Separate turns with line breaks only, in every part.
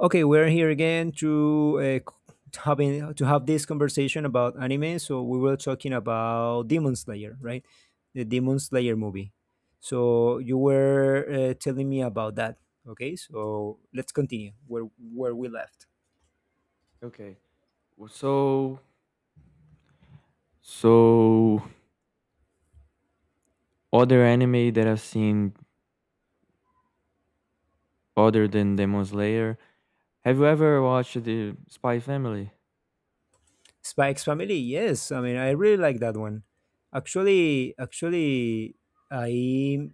Okay, we're here again to having to have this conversation about anime. So we were talking about Demon Slayer, right? The Demon Slayer movie. So you were telling me about that. Okay, so let's continue where we left.
Okay. Well, So, so other anime that I've seen other than Demon Slayer, have you ever watched the Spy Family?
Spike's Family. Yes, I mean I really like that one. Actually, I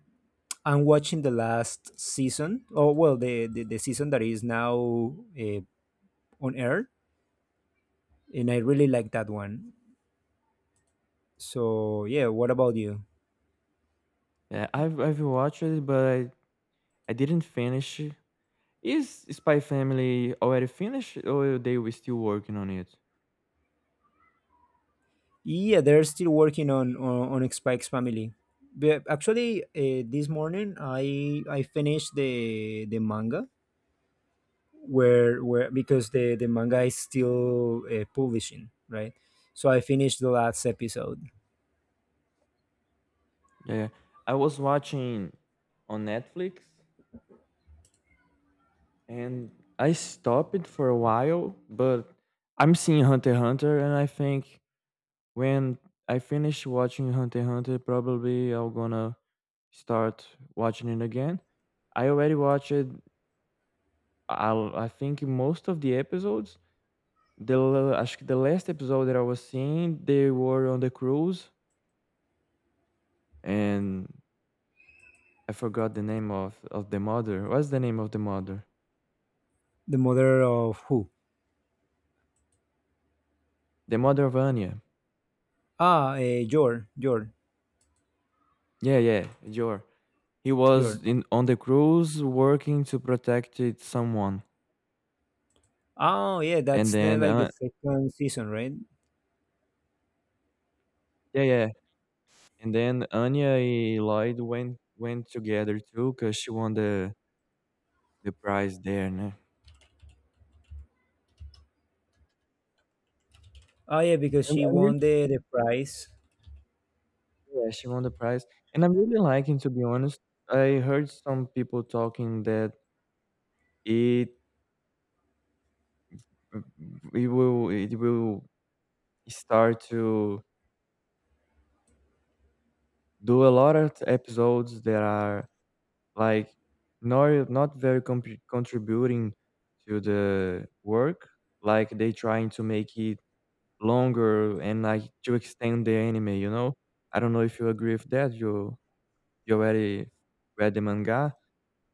I'm watching the last season. Oh well, the season that is now on air, and I really like that one. So yeah, what about you?
Yeah, I've watched it, but I didn't finish it. Is Spy Family already finished, or they were still working on it?
Yeah, they're still working on Spike's family. But actually, this morning I finished the manga where, because the manga is still publishing, right? So I finished the last episode.
Yeah, I was watching on Netflix, and I stopped it for a while, but I'm seeing Hunter x Hunter, and I think When I finish watching Hunter x Hunter, probably I'm gonna start watching it again. I already watched I'll, I think most of the episodes. The l- acho que the last episode that I was seeing, they were on the cruise, and I forgot the name of the mother. What's the name of the mother?
The mother of who?
The mother of Anya.
Jor,
Yeah, yeah, Jor. He
Jor.
was in on the cruise working to protect it someone,
Oh yeah,
and
that's the
then
like the second season, right?
yeah, yeah, and then Anya and Lloyd went together too, cause she won the prize there, né?
Oh yeah, because
I'm
she
I'm really
won the prize.
yeah, she won the prize, and I'm really liking, to be honest. I heard some people talking that it it will start to do a lot of episodes that are, like, not not very compri contributing to the work, like, they trying to make it longer and, like, to extend the anime, you know? I don't know if you agree with that, you already read the manga.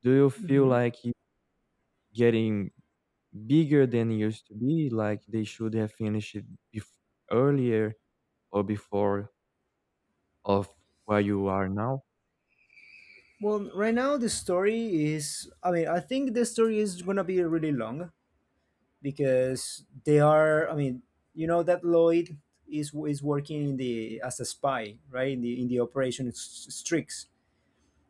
Do you feel
Mm-hmm.
like it's getting bigger than it used to be, like they should have finished it bef earlier or before of where you are now?
Well, right now the story is. I mean, I think the story is gonna be really long because they are. I mean, you know that Lloyd is working in the as a spy, right? In the Operation Strix.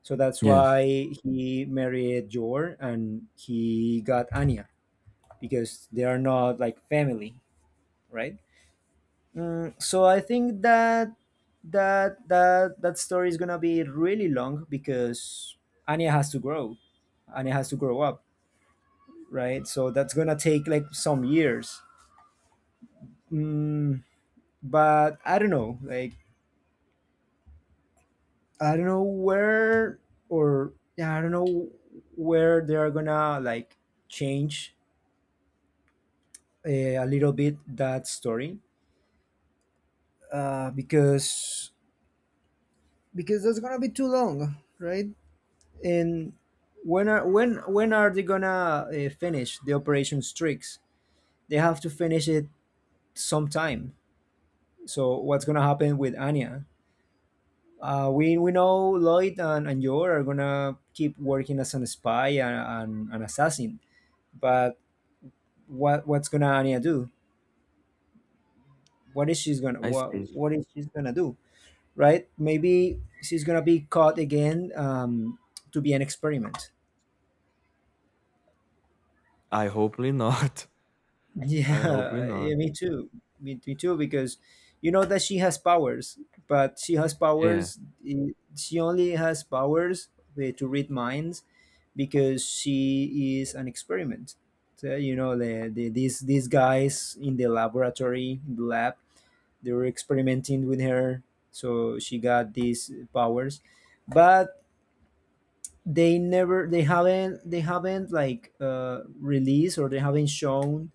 So that's
Yes,
why he married Jor and he got Anya because they are not like family, right? So I think that that story is gonna be really long because Anya has to grow. Anya has to grow up, right? So that's gonna take like some years. Mm, but I don't know, like I don't know where or yeah, I don't know where they are gonna like change uh, a little bit that story uh, because because that's gonna be too long, right? And when are they gonna finish the operation Strix? They have to finish it sometime. So what's gonna happen with Anya? We know Lloyd and Joel are gonna keep working as an spy and an assassin. But what what's gonna Anya do? What is she's gonna
I see.
what is she's gonna do? Right? Maybe she's gonna be caught again to be an experiment.
I hopefully not. I hopefully
Yeah,
not.
me too. Me too, because you know that she has powers, but she has
Yeah.
powers. eh, She only has powers to read minds because she is an experiment. So, you know, these guys in the laboratory, in the lab, they were experimenting with her, so she got these powers, but they haven't like released or they haven't shown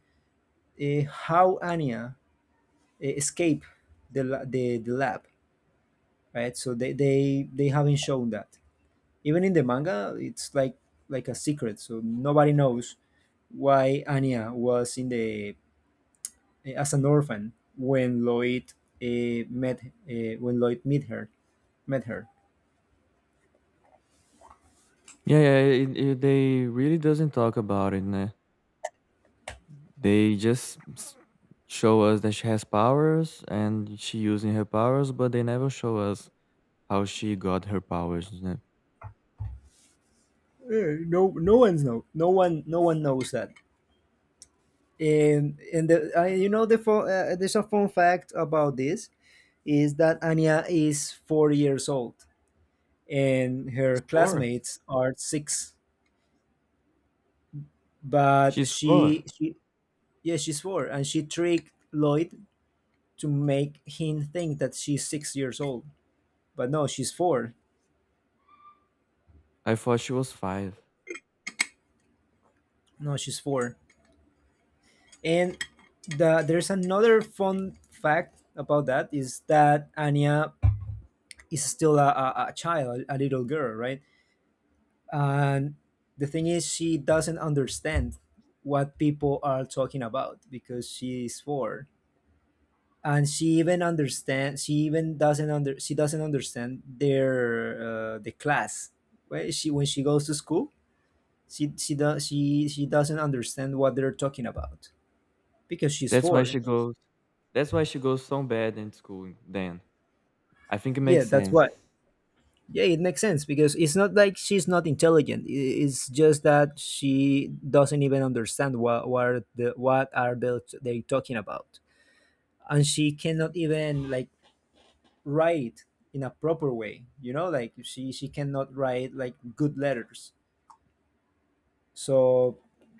how Anya escape the lab, right? So they haven't shown that. Even in the manga it's like a secret, so nobody knows why anya was in the as an orphan when lloyd met when lloyd met her met her.
Yeah, yeah, it they really doesn't talk about it, ne. They just show us that she has powers and she using her powers, but they never show us how she got her powers, you know.
Eh, no no one's know no one no one knows that. And the, you know the there's a fun fact about this is that anya is 4 years old and
She's
her
four.
classmates are six. But
She's four.
yeah, she's four, and she tricked Lloyd to make him think that she's 6 years old. But no, she's four.
I thought she was five.
No, she's four. And there's another fun fact about that is that Anya is still a child, a little girl, right? And the thing is, she doesn't understand what people are talking about because she's four, and she even understands she even doesn't under she doesn't understand their the class when she goes to school. She doesn't understand what they're talking about because she's
That's why
four.
she goes. That's why she goes so bad in school. Then I think it
Yeah,
makes
that's
sense.
why. Yeah, it makes sense, because it's not like she's not intelligent. It's just that she doesn't even understand what are the what are they talking about, and she cannot even like write in a proper way, you know, like she cannot write like good letters. So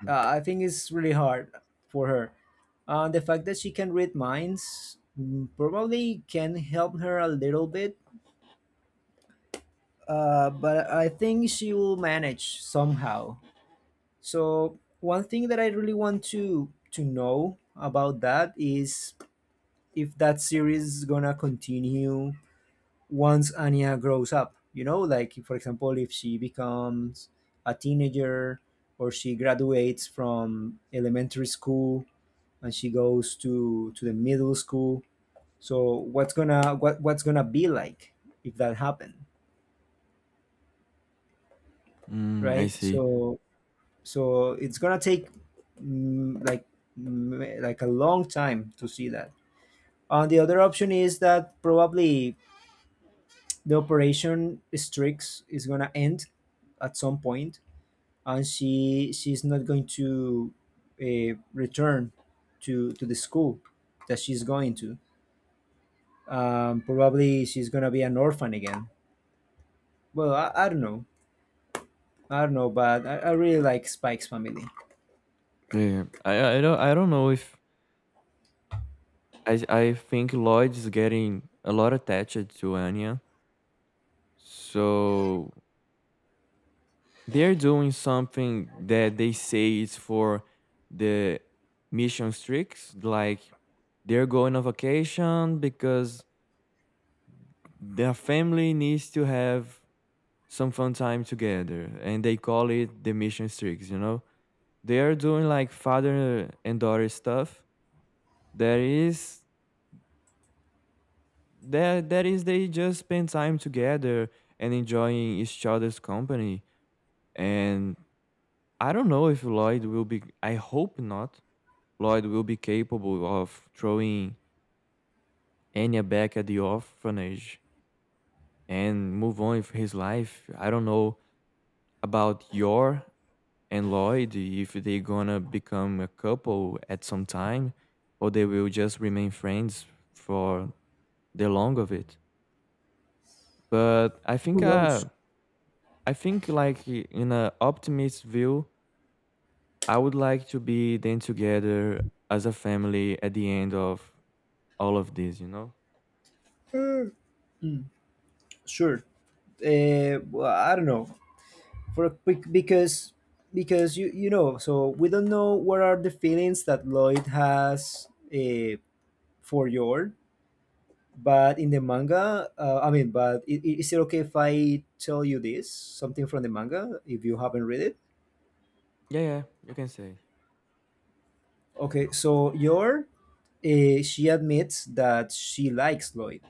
I think it's really hard for her. The fact that she can read minds, probably can help her a little bit. But I think she will manage somehow. So one thing that I really want to know about that is if that series is gonna continue once Anya grows up. You know, like for example, if she becomes a teenager, or she graduates from elementary school and she goes to the middle school. So what's gonna what what's gonna be like if that happened,
Mm, I
right?
see.
So so it's gonna take mm, like like a long time to see that. And the other option is that probably the operation Strix is gonna end at some point, and she's not going to return to the school that she's going to. Probably she's gonna be an orphan again. Well, I don't know, but I really like Spike's family.
Yeah, I don't know if I I think Lloyd is getting a lot attached to Anya, so they're doing something that they say is for the mission streaks, like they're going on vacation because their family needs to have some fun time together and they call it the mission streaks, you know? They are doing like father and daughter stuff that is that that is they just spend time together and enjoying each other's company. And I don't know if Lloyd will be, I hope not, Lloyd will be capable of throwing Enya back at the orphanage and move on with his life. I don't know about Yor and Lloyd if they gonna become a couple at some time or they will just remain friends for the long of it. But
Who knows?
I think like in an optimist view, I would like to be then together as a family at the end of all of this, you know?
Uh, sure. Well, I don't know. Because because you know, so we don't know what are the feelings that Lloyd has uh, for George. But in the manga, I mean, is it okay if I tell you this something from the manga if you haven't read it?
Yeah, yeah, you can say.
Okay, so your she admits that she likes Lloyd,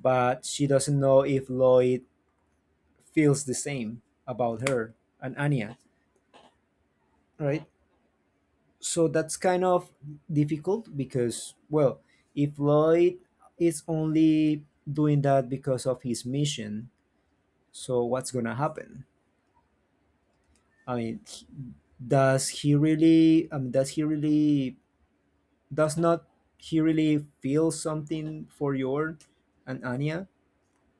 but she doesn't know if Lloyd feels the same about her and Anya, right? So that's kind of difficult because, well, if Lloyd is only doing that because of his mission, so what's gonna happen? I mean, does he really? I mean, does he really? Does not he really feel something for Jorn and Anya?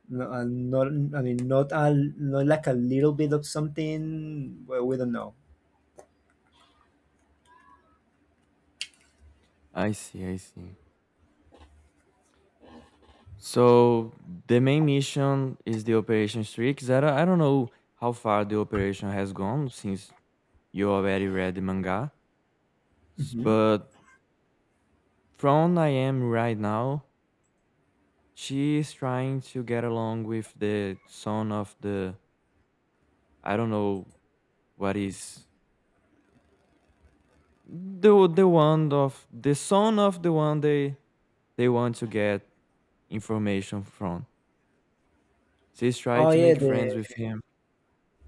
No, and not. I mean, not a not like a little bit of something. Well, we don't know.
I see, I see. So the main mission is the Operation Streak. Zara, I don't know how far the operation has gone since you already read the manga,
Hmm.
but from I am right now, she is trying to get along with the son of the I don't know what is the one of the son of the one they want to get information from. She's trying
Oh
to
yeah,
make friends with
the
him.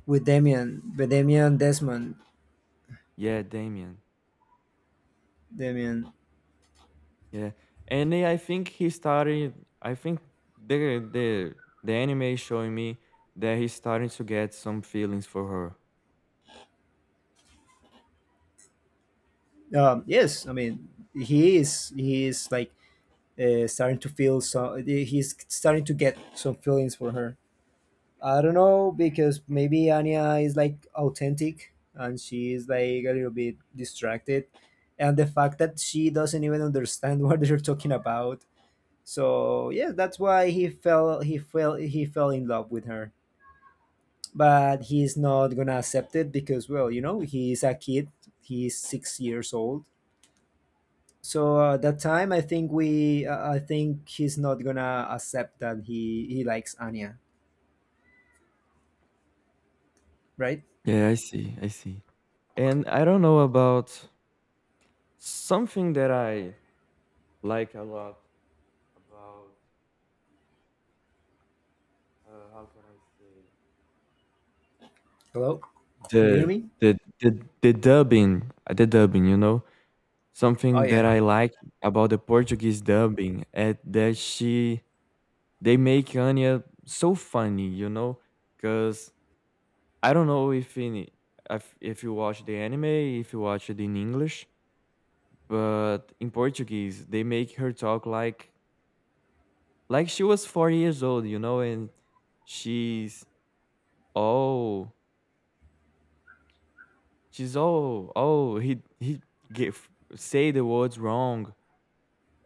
with Damien Desmond,
Yeah, Damien.
Damien.
Yeah, and I think he started. I think the the the anime is showing me that he's starting to get some feelings for her.
Yes, I mean he is like starting to feel, so he's starting to get some feelings for her. I don't know because maybe Anya is like authentic and she is like a little bit distracted, and the fact that she doesn't even understand what they're talking about. So yeah, that's why he fell in love with her. But he's not gonna accept it because well, you know, he's a kid. He's 6 years old. So that time, I think he's not gonna accept that he likes Anya, right?
Yeah, I see. I see. And I don't know about something that I like a lot about. How can I say
Hello, can you hear
the
me?
the dubbing? The dubbing, you know,
Oh
something
yeah.
that I like about the Portuguese dubbing, at that she they make Anya so funny, you know because I don't know if in if you watch the anime, if you watch it in English, but in Portuguese they make her talk like she was 4 years old, you know, and she's oh, she's oh, oh, he give say the words wrong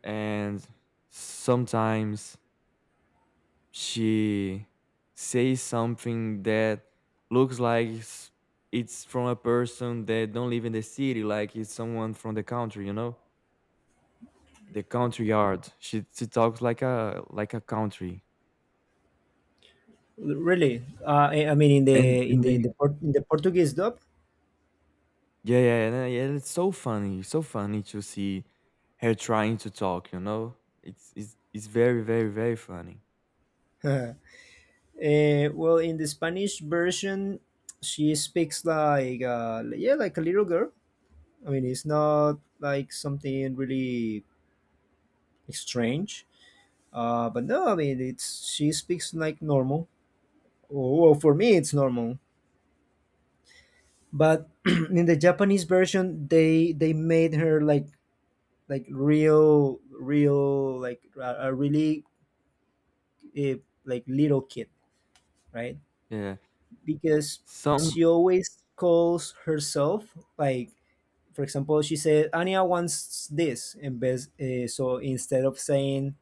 and sometimes she says something that looks like it's from a person that don't live in the city, like it's someone from the country, you know? The country yard. She talks like a country,
Really, I mean in the
and it
in
may
in the Portuguese dub.
yeah yeah and, yeah. It's so funny to see her trying to talk. You know, it's very very very funny.
Well, in the Spanish version, she speaks like yeah, like a little girl. I mean, it's not like something really strange. But no, I mean it's she speaks like normal. Oh, well, for me, it's normal. But in the Japanese version, they made her like real real like a really like little kid, right?
Yeah,
Because
some
she always calls herself like, for example, she said anya wants this and best, so instead of saying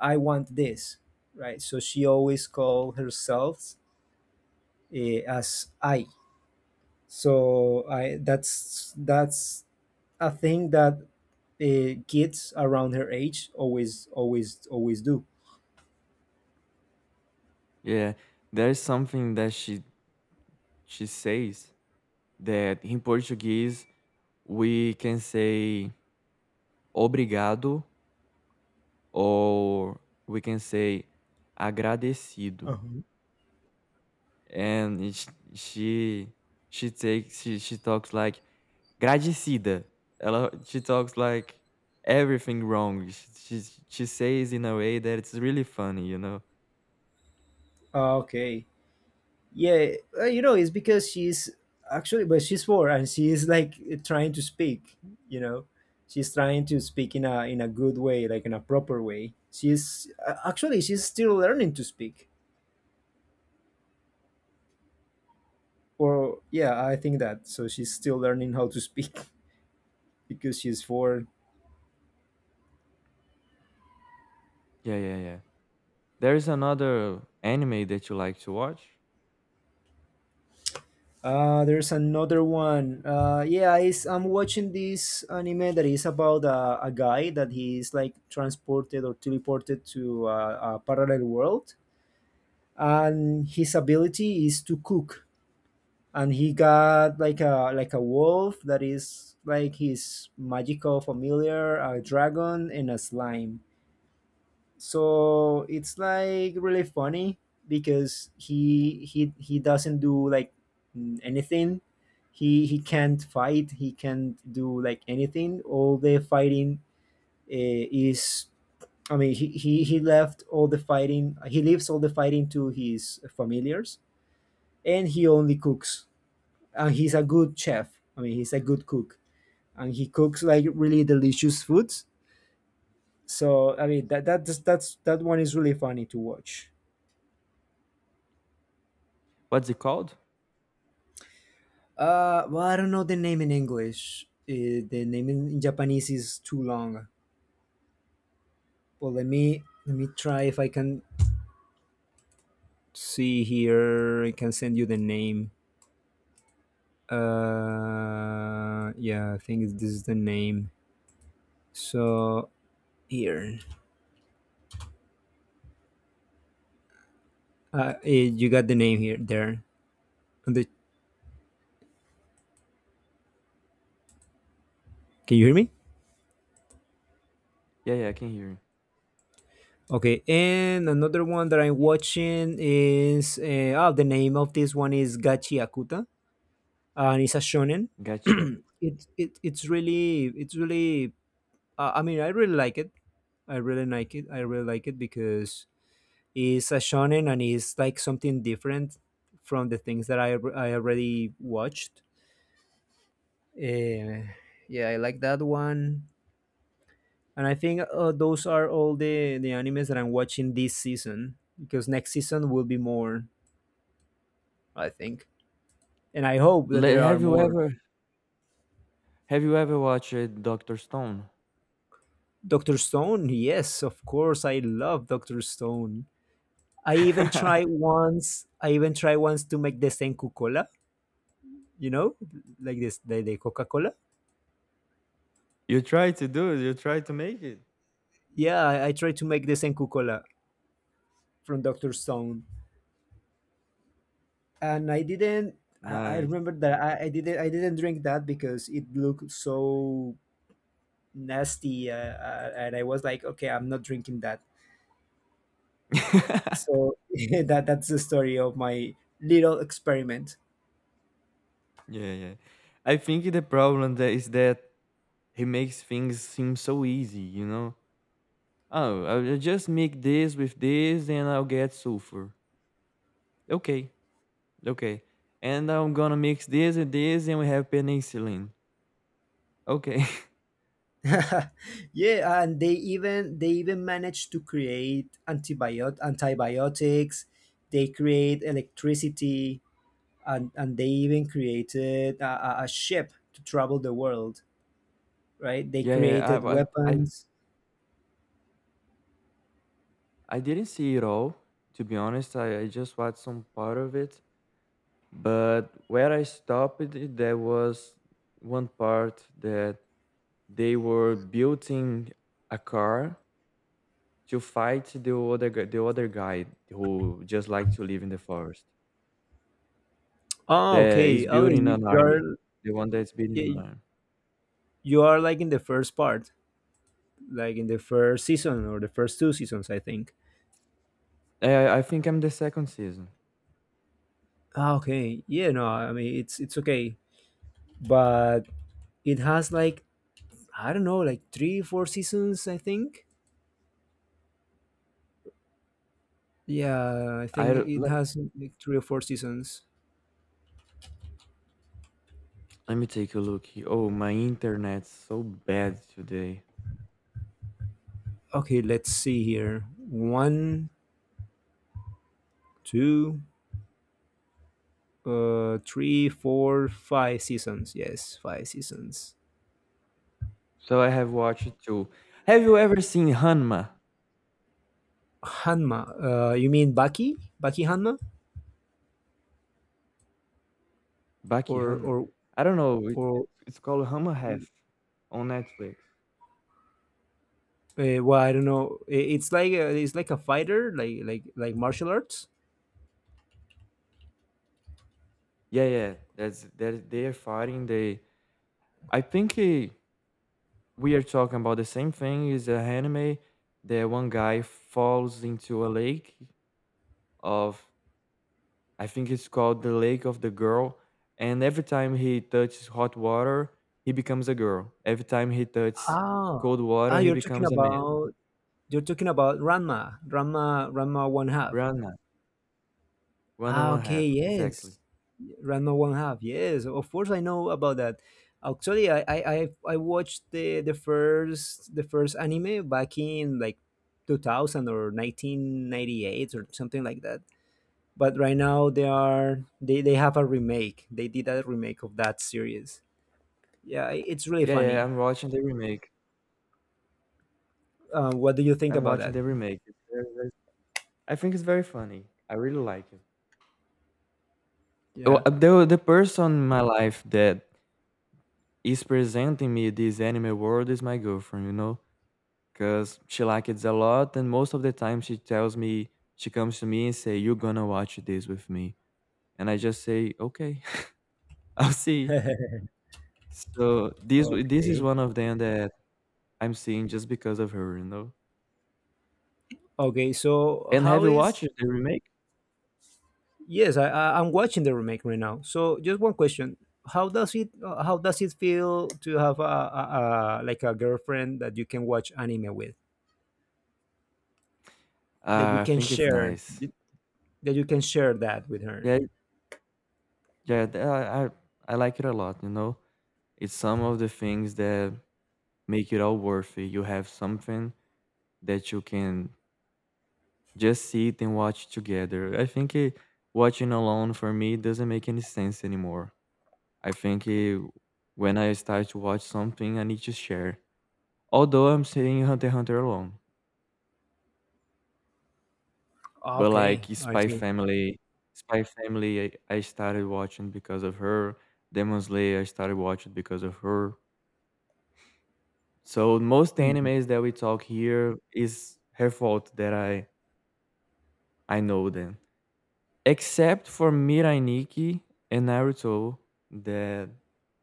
I want this, right? So she always called herself as i. So i, that's a thing that kids around her age always do.
yeah. There's something that she says that in Portuguese we can say obrigado or we can say agradecido.
Uh-huh.
And it's she she takes she talks like "Gradecida." Ela she talks like everything wrong. She says in a way that it's really funny, you know?
Ah, okay. Yeah, you know, it's because she's actually, but she's four and she is like trying to speak. You know, she's trying to speak in a good way, like in a proper way. She's actually she's still learning to speak. Or yeah, I think that. So she's still learning how to speak because she's four.
Yeah, yeah, yeah. There is another anime that you like to watch.
There's another one. Yeah, is I'm watching this anime that is about a guy that he is like transported or teleported to a parallel world, and his ability is to cook, and he got like a wolf that is like his magical familiar, a dragon and a slime. So it's like really funny because he doesn't do like anything. He can't fight, he can't do like anything. All the fighting is I mean he left all the fighting he leaves all the fighting to his familiars, and he only cooks. And he's a good chef. I mean, he's a good cook, and he cooks like really delicious foods. So I mean, that's that one is really funny to watch.
What's it called?
Well, I don't know the name in English. The name in Japanese is too long. Well, let me try if I can see here. I can send you the name. Yeah, I think this is the name. So here, you got the name here there on the can you hear me?
Yeah, yeah, I can hear you.
Okay, and another one that I'm watching is oh, the name of this one is Gachi Akuta, and it's a shonen.
Gotcha.
It's really I mean I really like it. I really like it. I really like it because It's a shonen and it's like something different from the things that I already watched. Uh, yeah, I like that one. And I think those are all the animes that I'm watching this season because next season will be more, I think. And I hope that
Le
there are more.
have you ever watched Doctor Stone?
Doctor Stone, yes, of course, I love Doctor Stone. I even tried once to make the Senku Cola. You know, like this the Coca Cola.
You try to do it. You try to make it.
Yeah, I tried to make the Senku Cola from Doctor Stone, and I didn't. I
Nice.
remember that I didn't drink that because it looked so nasty, and I was like, okay, I'm not drinking that. So that's the story of my little experiment.
Yeah, yeah. I think the problem that is that he makes things seem so easy, you know? Oh, I'll just make this with this and I'll get sulfur. Okay, okay. And I'm gonna mix this and this and we have penicillin. Okay.
Yeah, and they even managed to create antibiotics. They create electricity, and they even created a ship to travel the world. Right? They
Yeah, yeah.
created
I
weapons.
I didn't see it all, to be honest. I just watched some part of it. But where I stopped, it, there was one part that they were building a car to fight the other the other guy who just like to live in the forest.
Oh,
That
okay,
is
okay.
building an army. The one that's building an
You,
army.
you are like in the first part. Like in the first season or the first two seasons, I think.
I think I'm the second season.
Ah, okay, yeah, no, I mean it's okay, but it has like, I don't know, like three, four seasons, I think. Yeah, I
I
think
don't-
it
let,
has like three or four seasons.
let me take a look here. Oh, my internet's so bad today.
Okay, let's see here. One, two, three, four, five seasons. Yes, five seasons.
So I have watched two. Have you ever seen Hanma?
Hanma. You mean Baki? Baki Hanma?
Baki
Or
Hanma?
or
I don't know. It,
or
it's called Hanma Half on Netflix.
Well, I don't know. It's like it's like a fighter, like like martial arts.
Yeah, yeah. That's that. They are fighting. They. I think he. We are talking about the same thing is a anime that one guy falls into a lake of I think it's called the lake of the girl and every time he touches hot water he becomes a girl, every time he touches
Ah,
cold
ah,
water he
you're talking
becomes a man.
about you're talking about Ranma one half.
Rana, one and
Ah,
one
okay,
half
yes,
exactly.
Ranma one half. Yes, of course I know about that. Actually, I watched the the first anime back in like 2000 or 1998 or something like that. But right now they have a remake. They did a remake of that series. Yeah, it's really
yeah
funny.
yeah i'm watching the remake
What do you think
i'm
about
watching
that?
the remake I think it's very funny, I really like it. Well,
Yeah.
the person in my life that is presenting me this anime world is my girlfriend, you know, because she likes it a lot, and most of the time she tells me she comes to me and say, "You're gonna watch this with me," and I just say, "Okay, I'll see." So this is
Okay.
one of them that I'm seeing just because of her, you know.
Okay. So
And have
how
you
is?
watched the remake?
Yes, I I'm watching the remake right now. So just one question: How does it? How does it feel to have a like a girlfriend that you can watch anime with? That you
I
can
think it's
share?
nice.
That you can share that with her?
Yeah, yeah, I like it a lot. You know, it's some of the things that make it all worth it. You have something that you can just sit and watch together. I think watching alone for me doesn't make any sense anymore. I think when I start to watch something, I need to share. Although I'm seeing Hunter x Hunter alone, but like
Okay, I
Spy
see.
Family, Spy Family, I started watching because of her. Demon Slayer, I started watching because of her. So most
Mm.
animes that we talk here is her fault that I know them. Except for Mirai Nikki and Naruto, that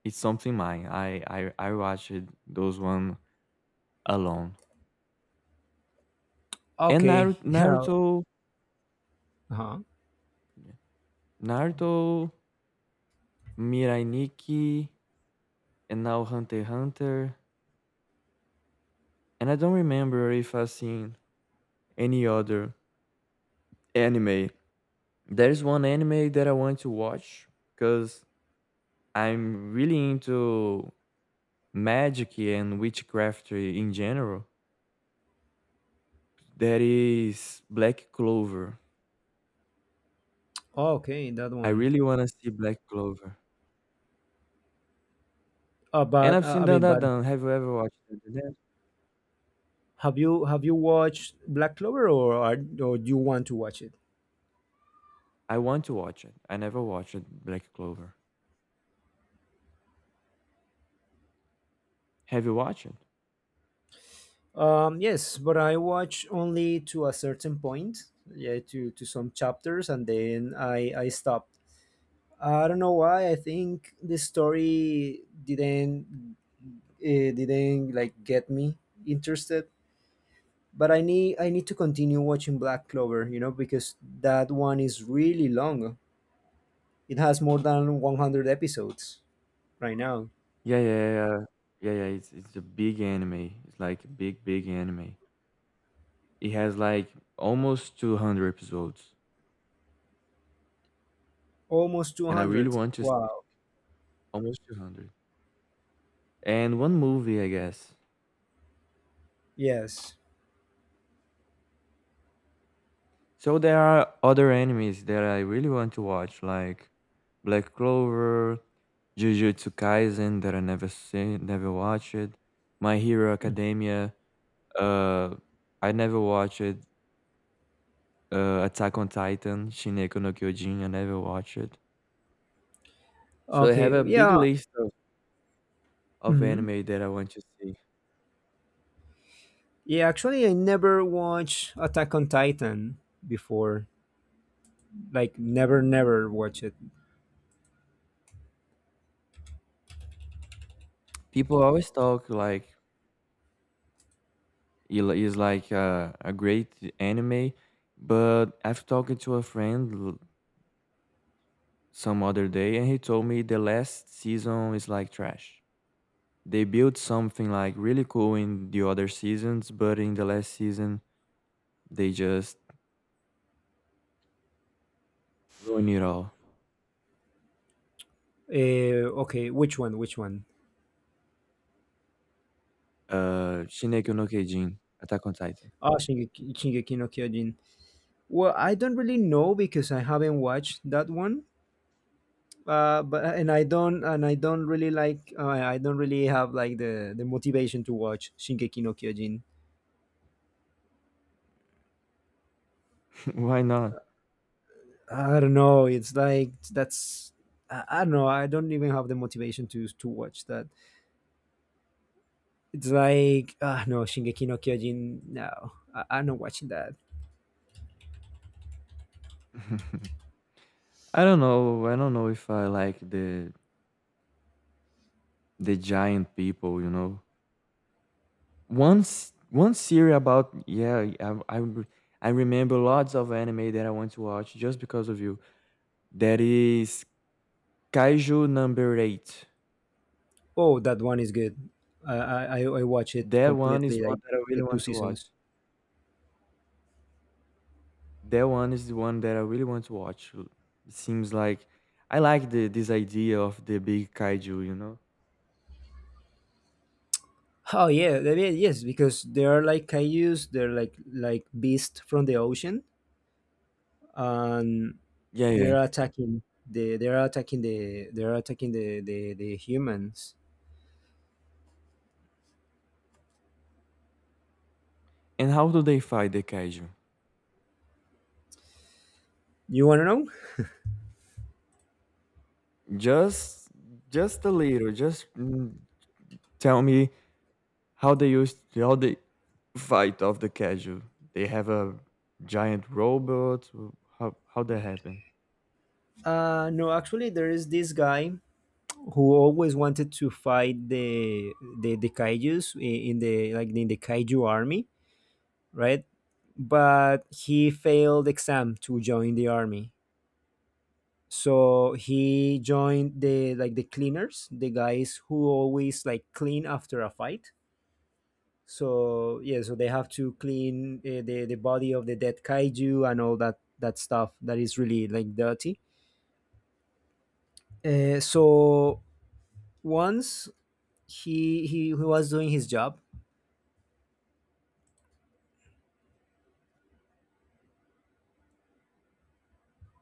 it's something mine. I watched those one alone. And
Okay. Yeah.
Naruto,
Uh-huh.
yeah, Naruto, Mirai Nikki, and now Hunter x Hunter, and I don't remember if I've seen any other anime. There is one anime that I want to watch because 'cause I'm really into magic and witchcraft in general, that is Black Clover.
Okay, that
I
one.
really wanna see Black Clover. And
But
I've seen
I mean, but
Dandadan. Have you ever watched Dandadan?
have you watched Black Clover, or do you want to watch it?
I want to watch it. I never watched Black Clover. Have you watched it?
Yes, but I watch only to a certain point, yeah, to some chapters, and then I stopped. I don't know why. I think the story didn't it didn't like get me interested, but I need to continue watching Black Clover, you know, because that one is really long. It has more than 100 episodes right now.
Yeah, yeah, yeah. Yeah, yeah, yeah, it's a big anime. It's like a big, big anime. It has like almost 200 episodes,
Almost
and I really
200,
want to see
wow.
almost 200. And one movie, I guess.
Yes.
So there are other animes that I really want to watch, like Black Clover, Jujutsu Kaisen that I never seen, never watched it, My Hero Academia. Uh, I never watched it. Attack on Titan, Shineko no Kyojin. I never watched it. So I have
Okay.
a big
Yeah.
list of
Hmm.
anime that I want to see.
Yeah. Actually, I never watched Attack on Titan before. Like, never, never watch it.
People always talk like it is like a great anime, but I've talked to a friend some other day and he told me the last season is like trash. They built something like really cool in the other seasons, but in the last season they just ruin it all.
Okay. Which one? Which one?
Uh, Shineko no Kyojin, Attack on Titan.
Oh, Shingeki no Kyojin. Well, I don't really know because I haven't watched that one. But and I don't really like, I don't really have like the motivation to watch Shingeki no Kyojin.
Why not?
I don't know. It's like that's I don't know. I don't even have the motivation to watch that. It's like, ah, no, Shingeki no Kyojin. No, I'm not watching that.
I don't know. I don't know if I like the giant people, you know. Once one series about yeah, I remember lots of anime that I want to watch just because of you. That is Kaiju number 8.
Oh, that one is good. I watch it
That one is
completely,
one
like
that I
the
really
two
want to watch.
seasons.
That one is the one that I really want to watch. It seems like I like the this idea of the big kaiju, you know?
Oh yeah, I mean, yes, because they are like cayuse. They're like beasts from the ocean, and
Yeah, yeah.
they're attacking the humans.
And how do they fight the kaiju?
You wanna know?
Just just a little, just mm, tell me how they use how they fight of the kaiju. They have a giant robot. How that happen?
No, actually, there is this guy who always wanted to fight the the kaijus in the like in the kaiju army, right? But he failed exam to join the army. So he joined the like the cleaners, the guys who always like clean after a fight. So yeah, so they have to clean the body of the dead kaiju and all that stuff that is really like dirty. So once he was doing his job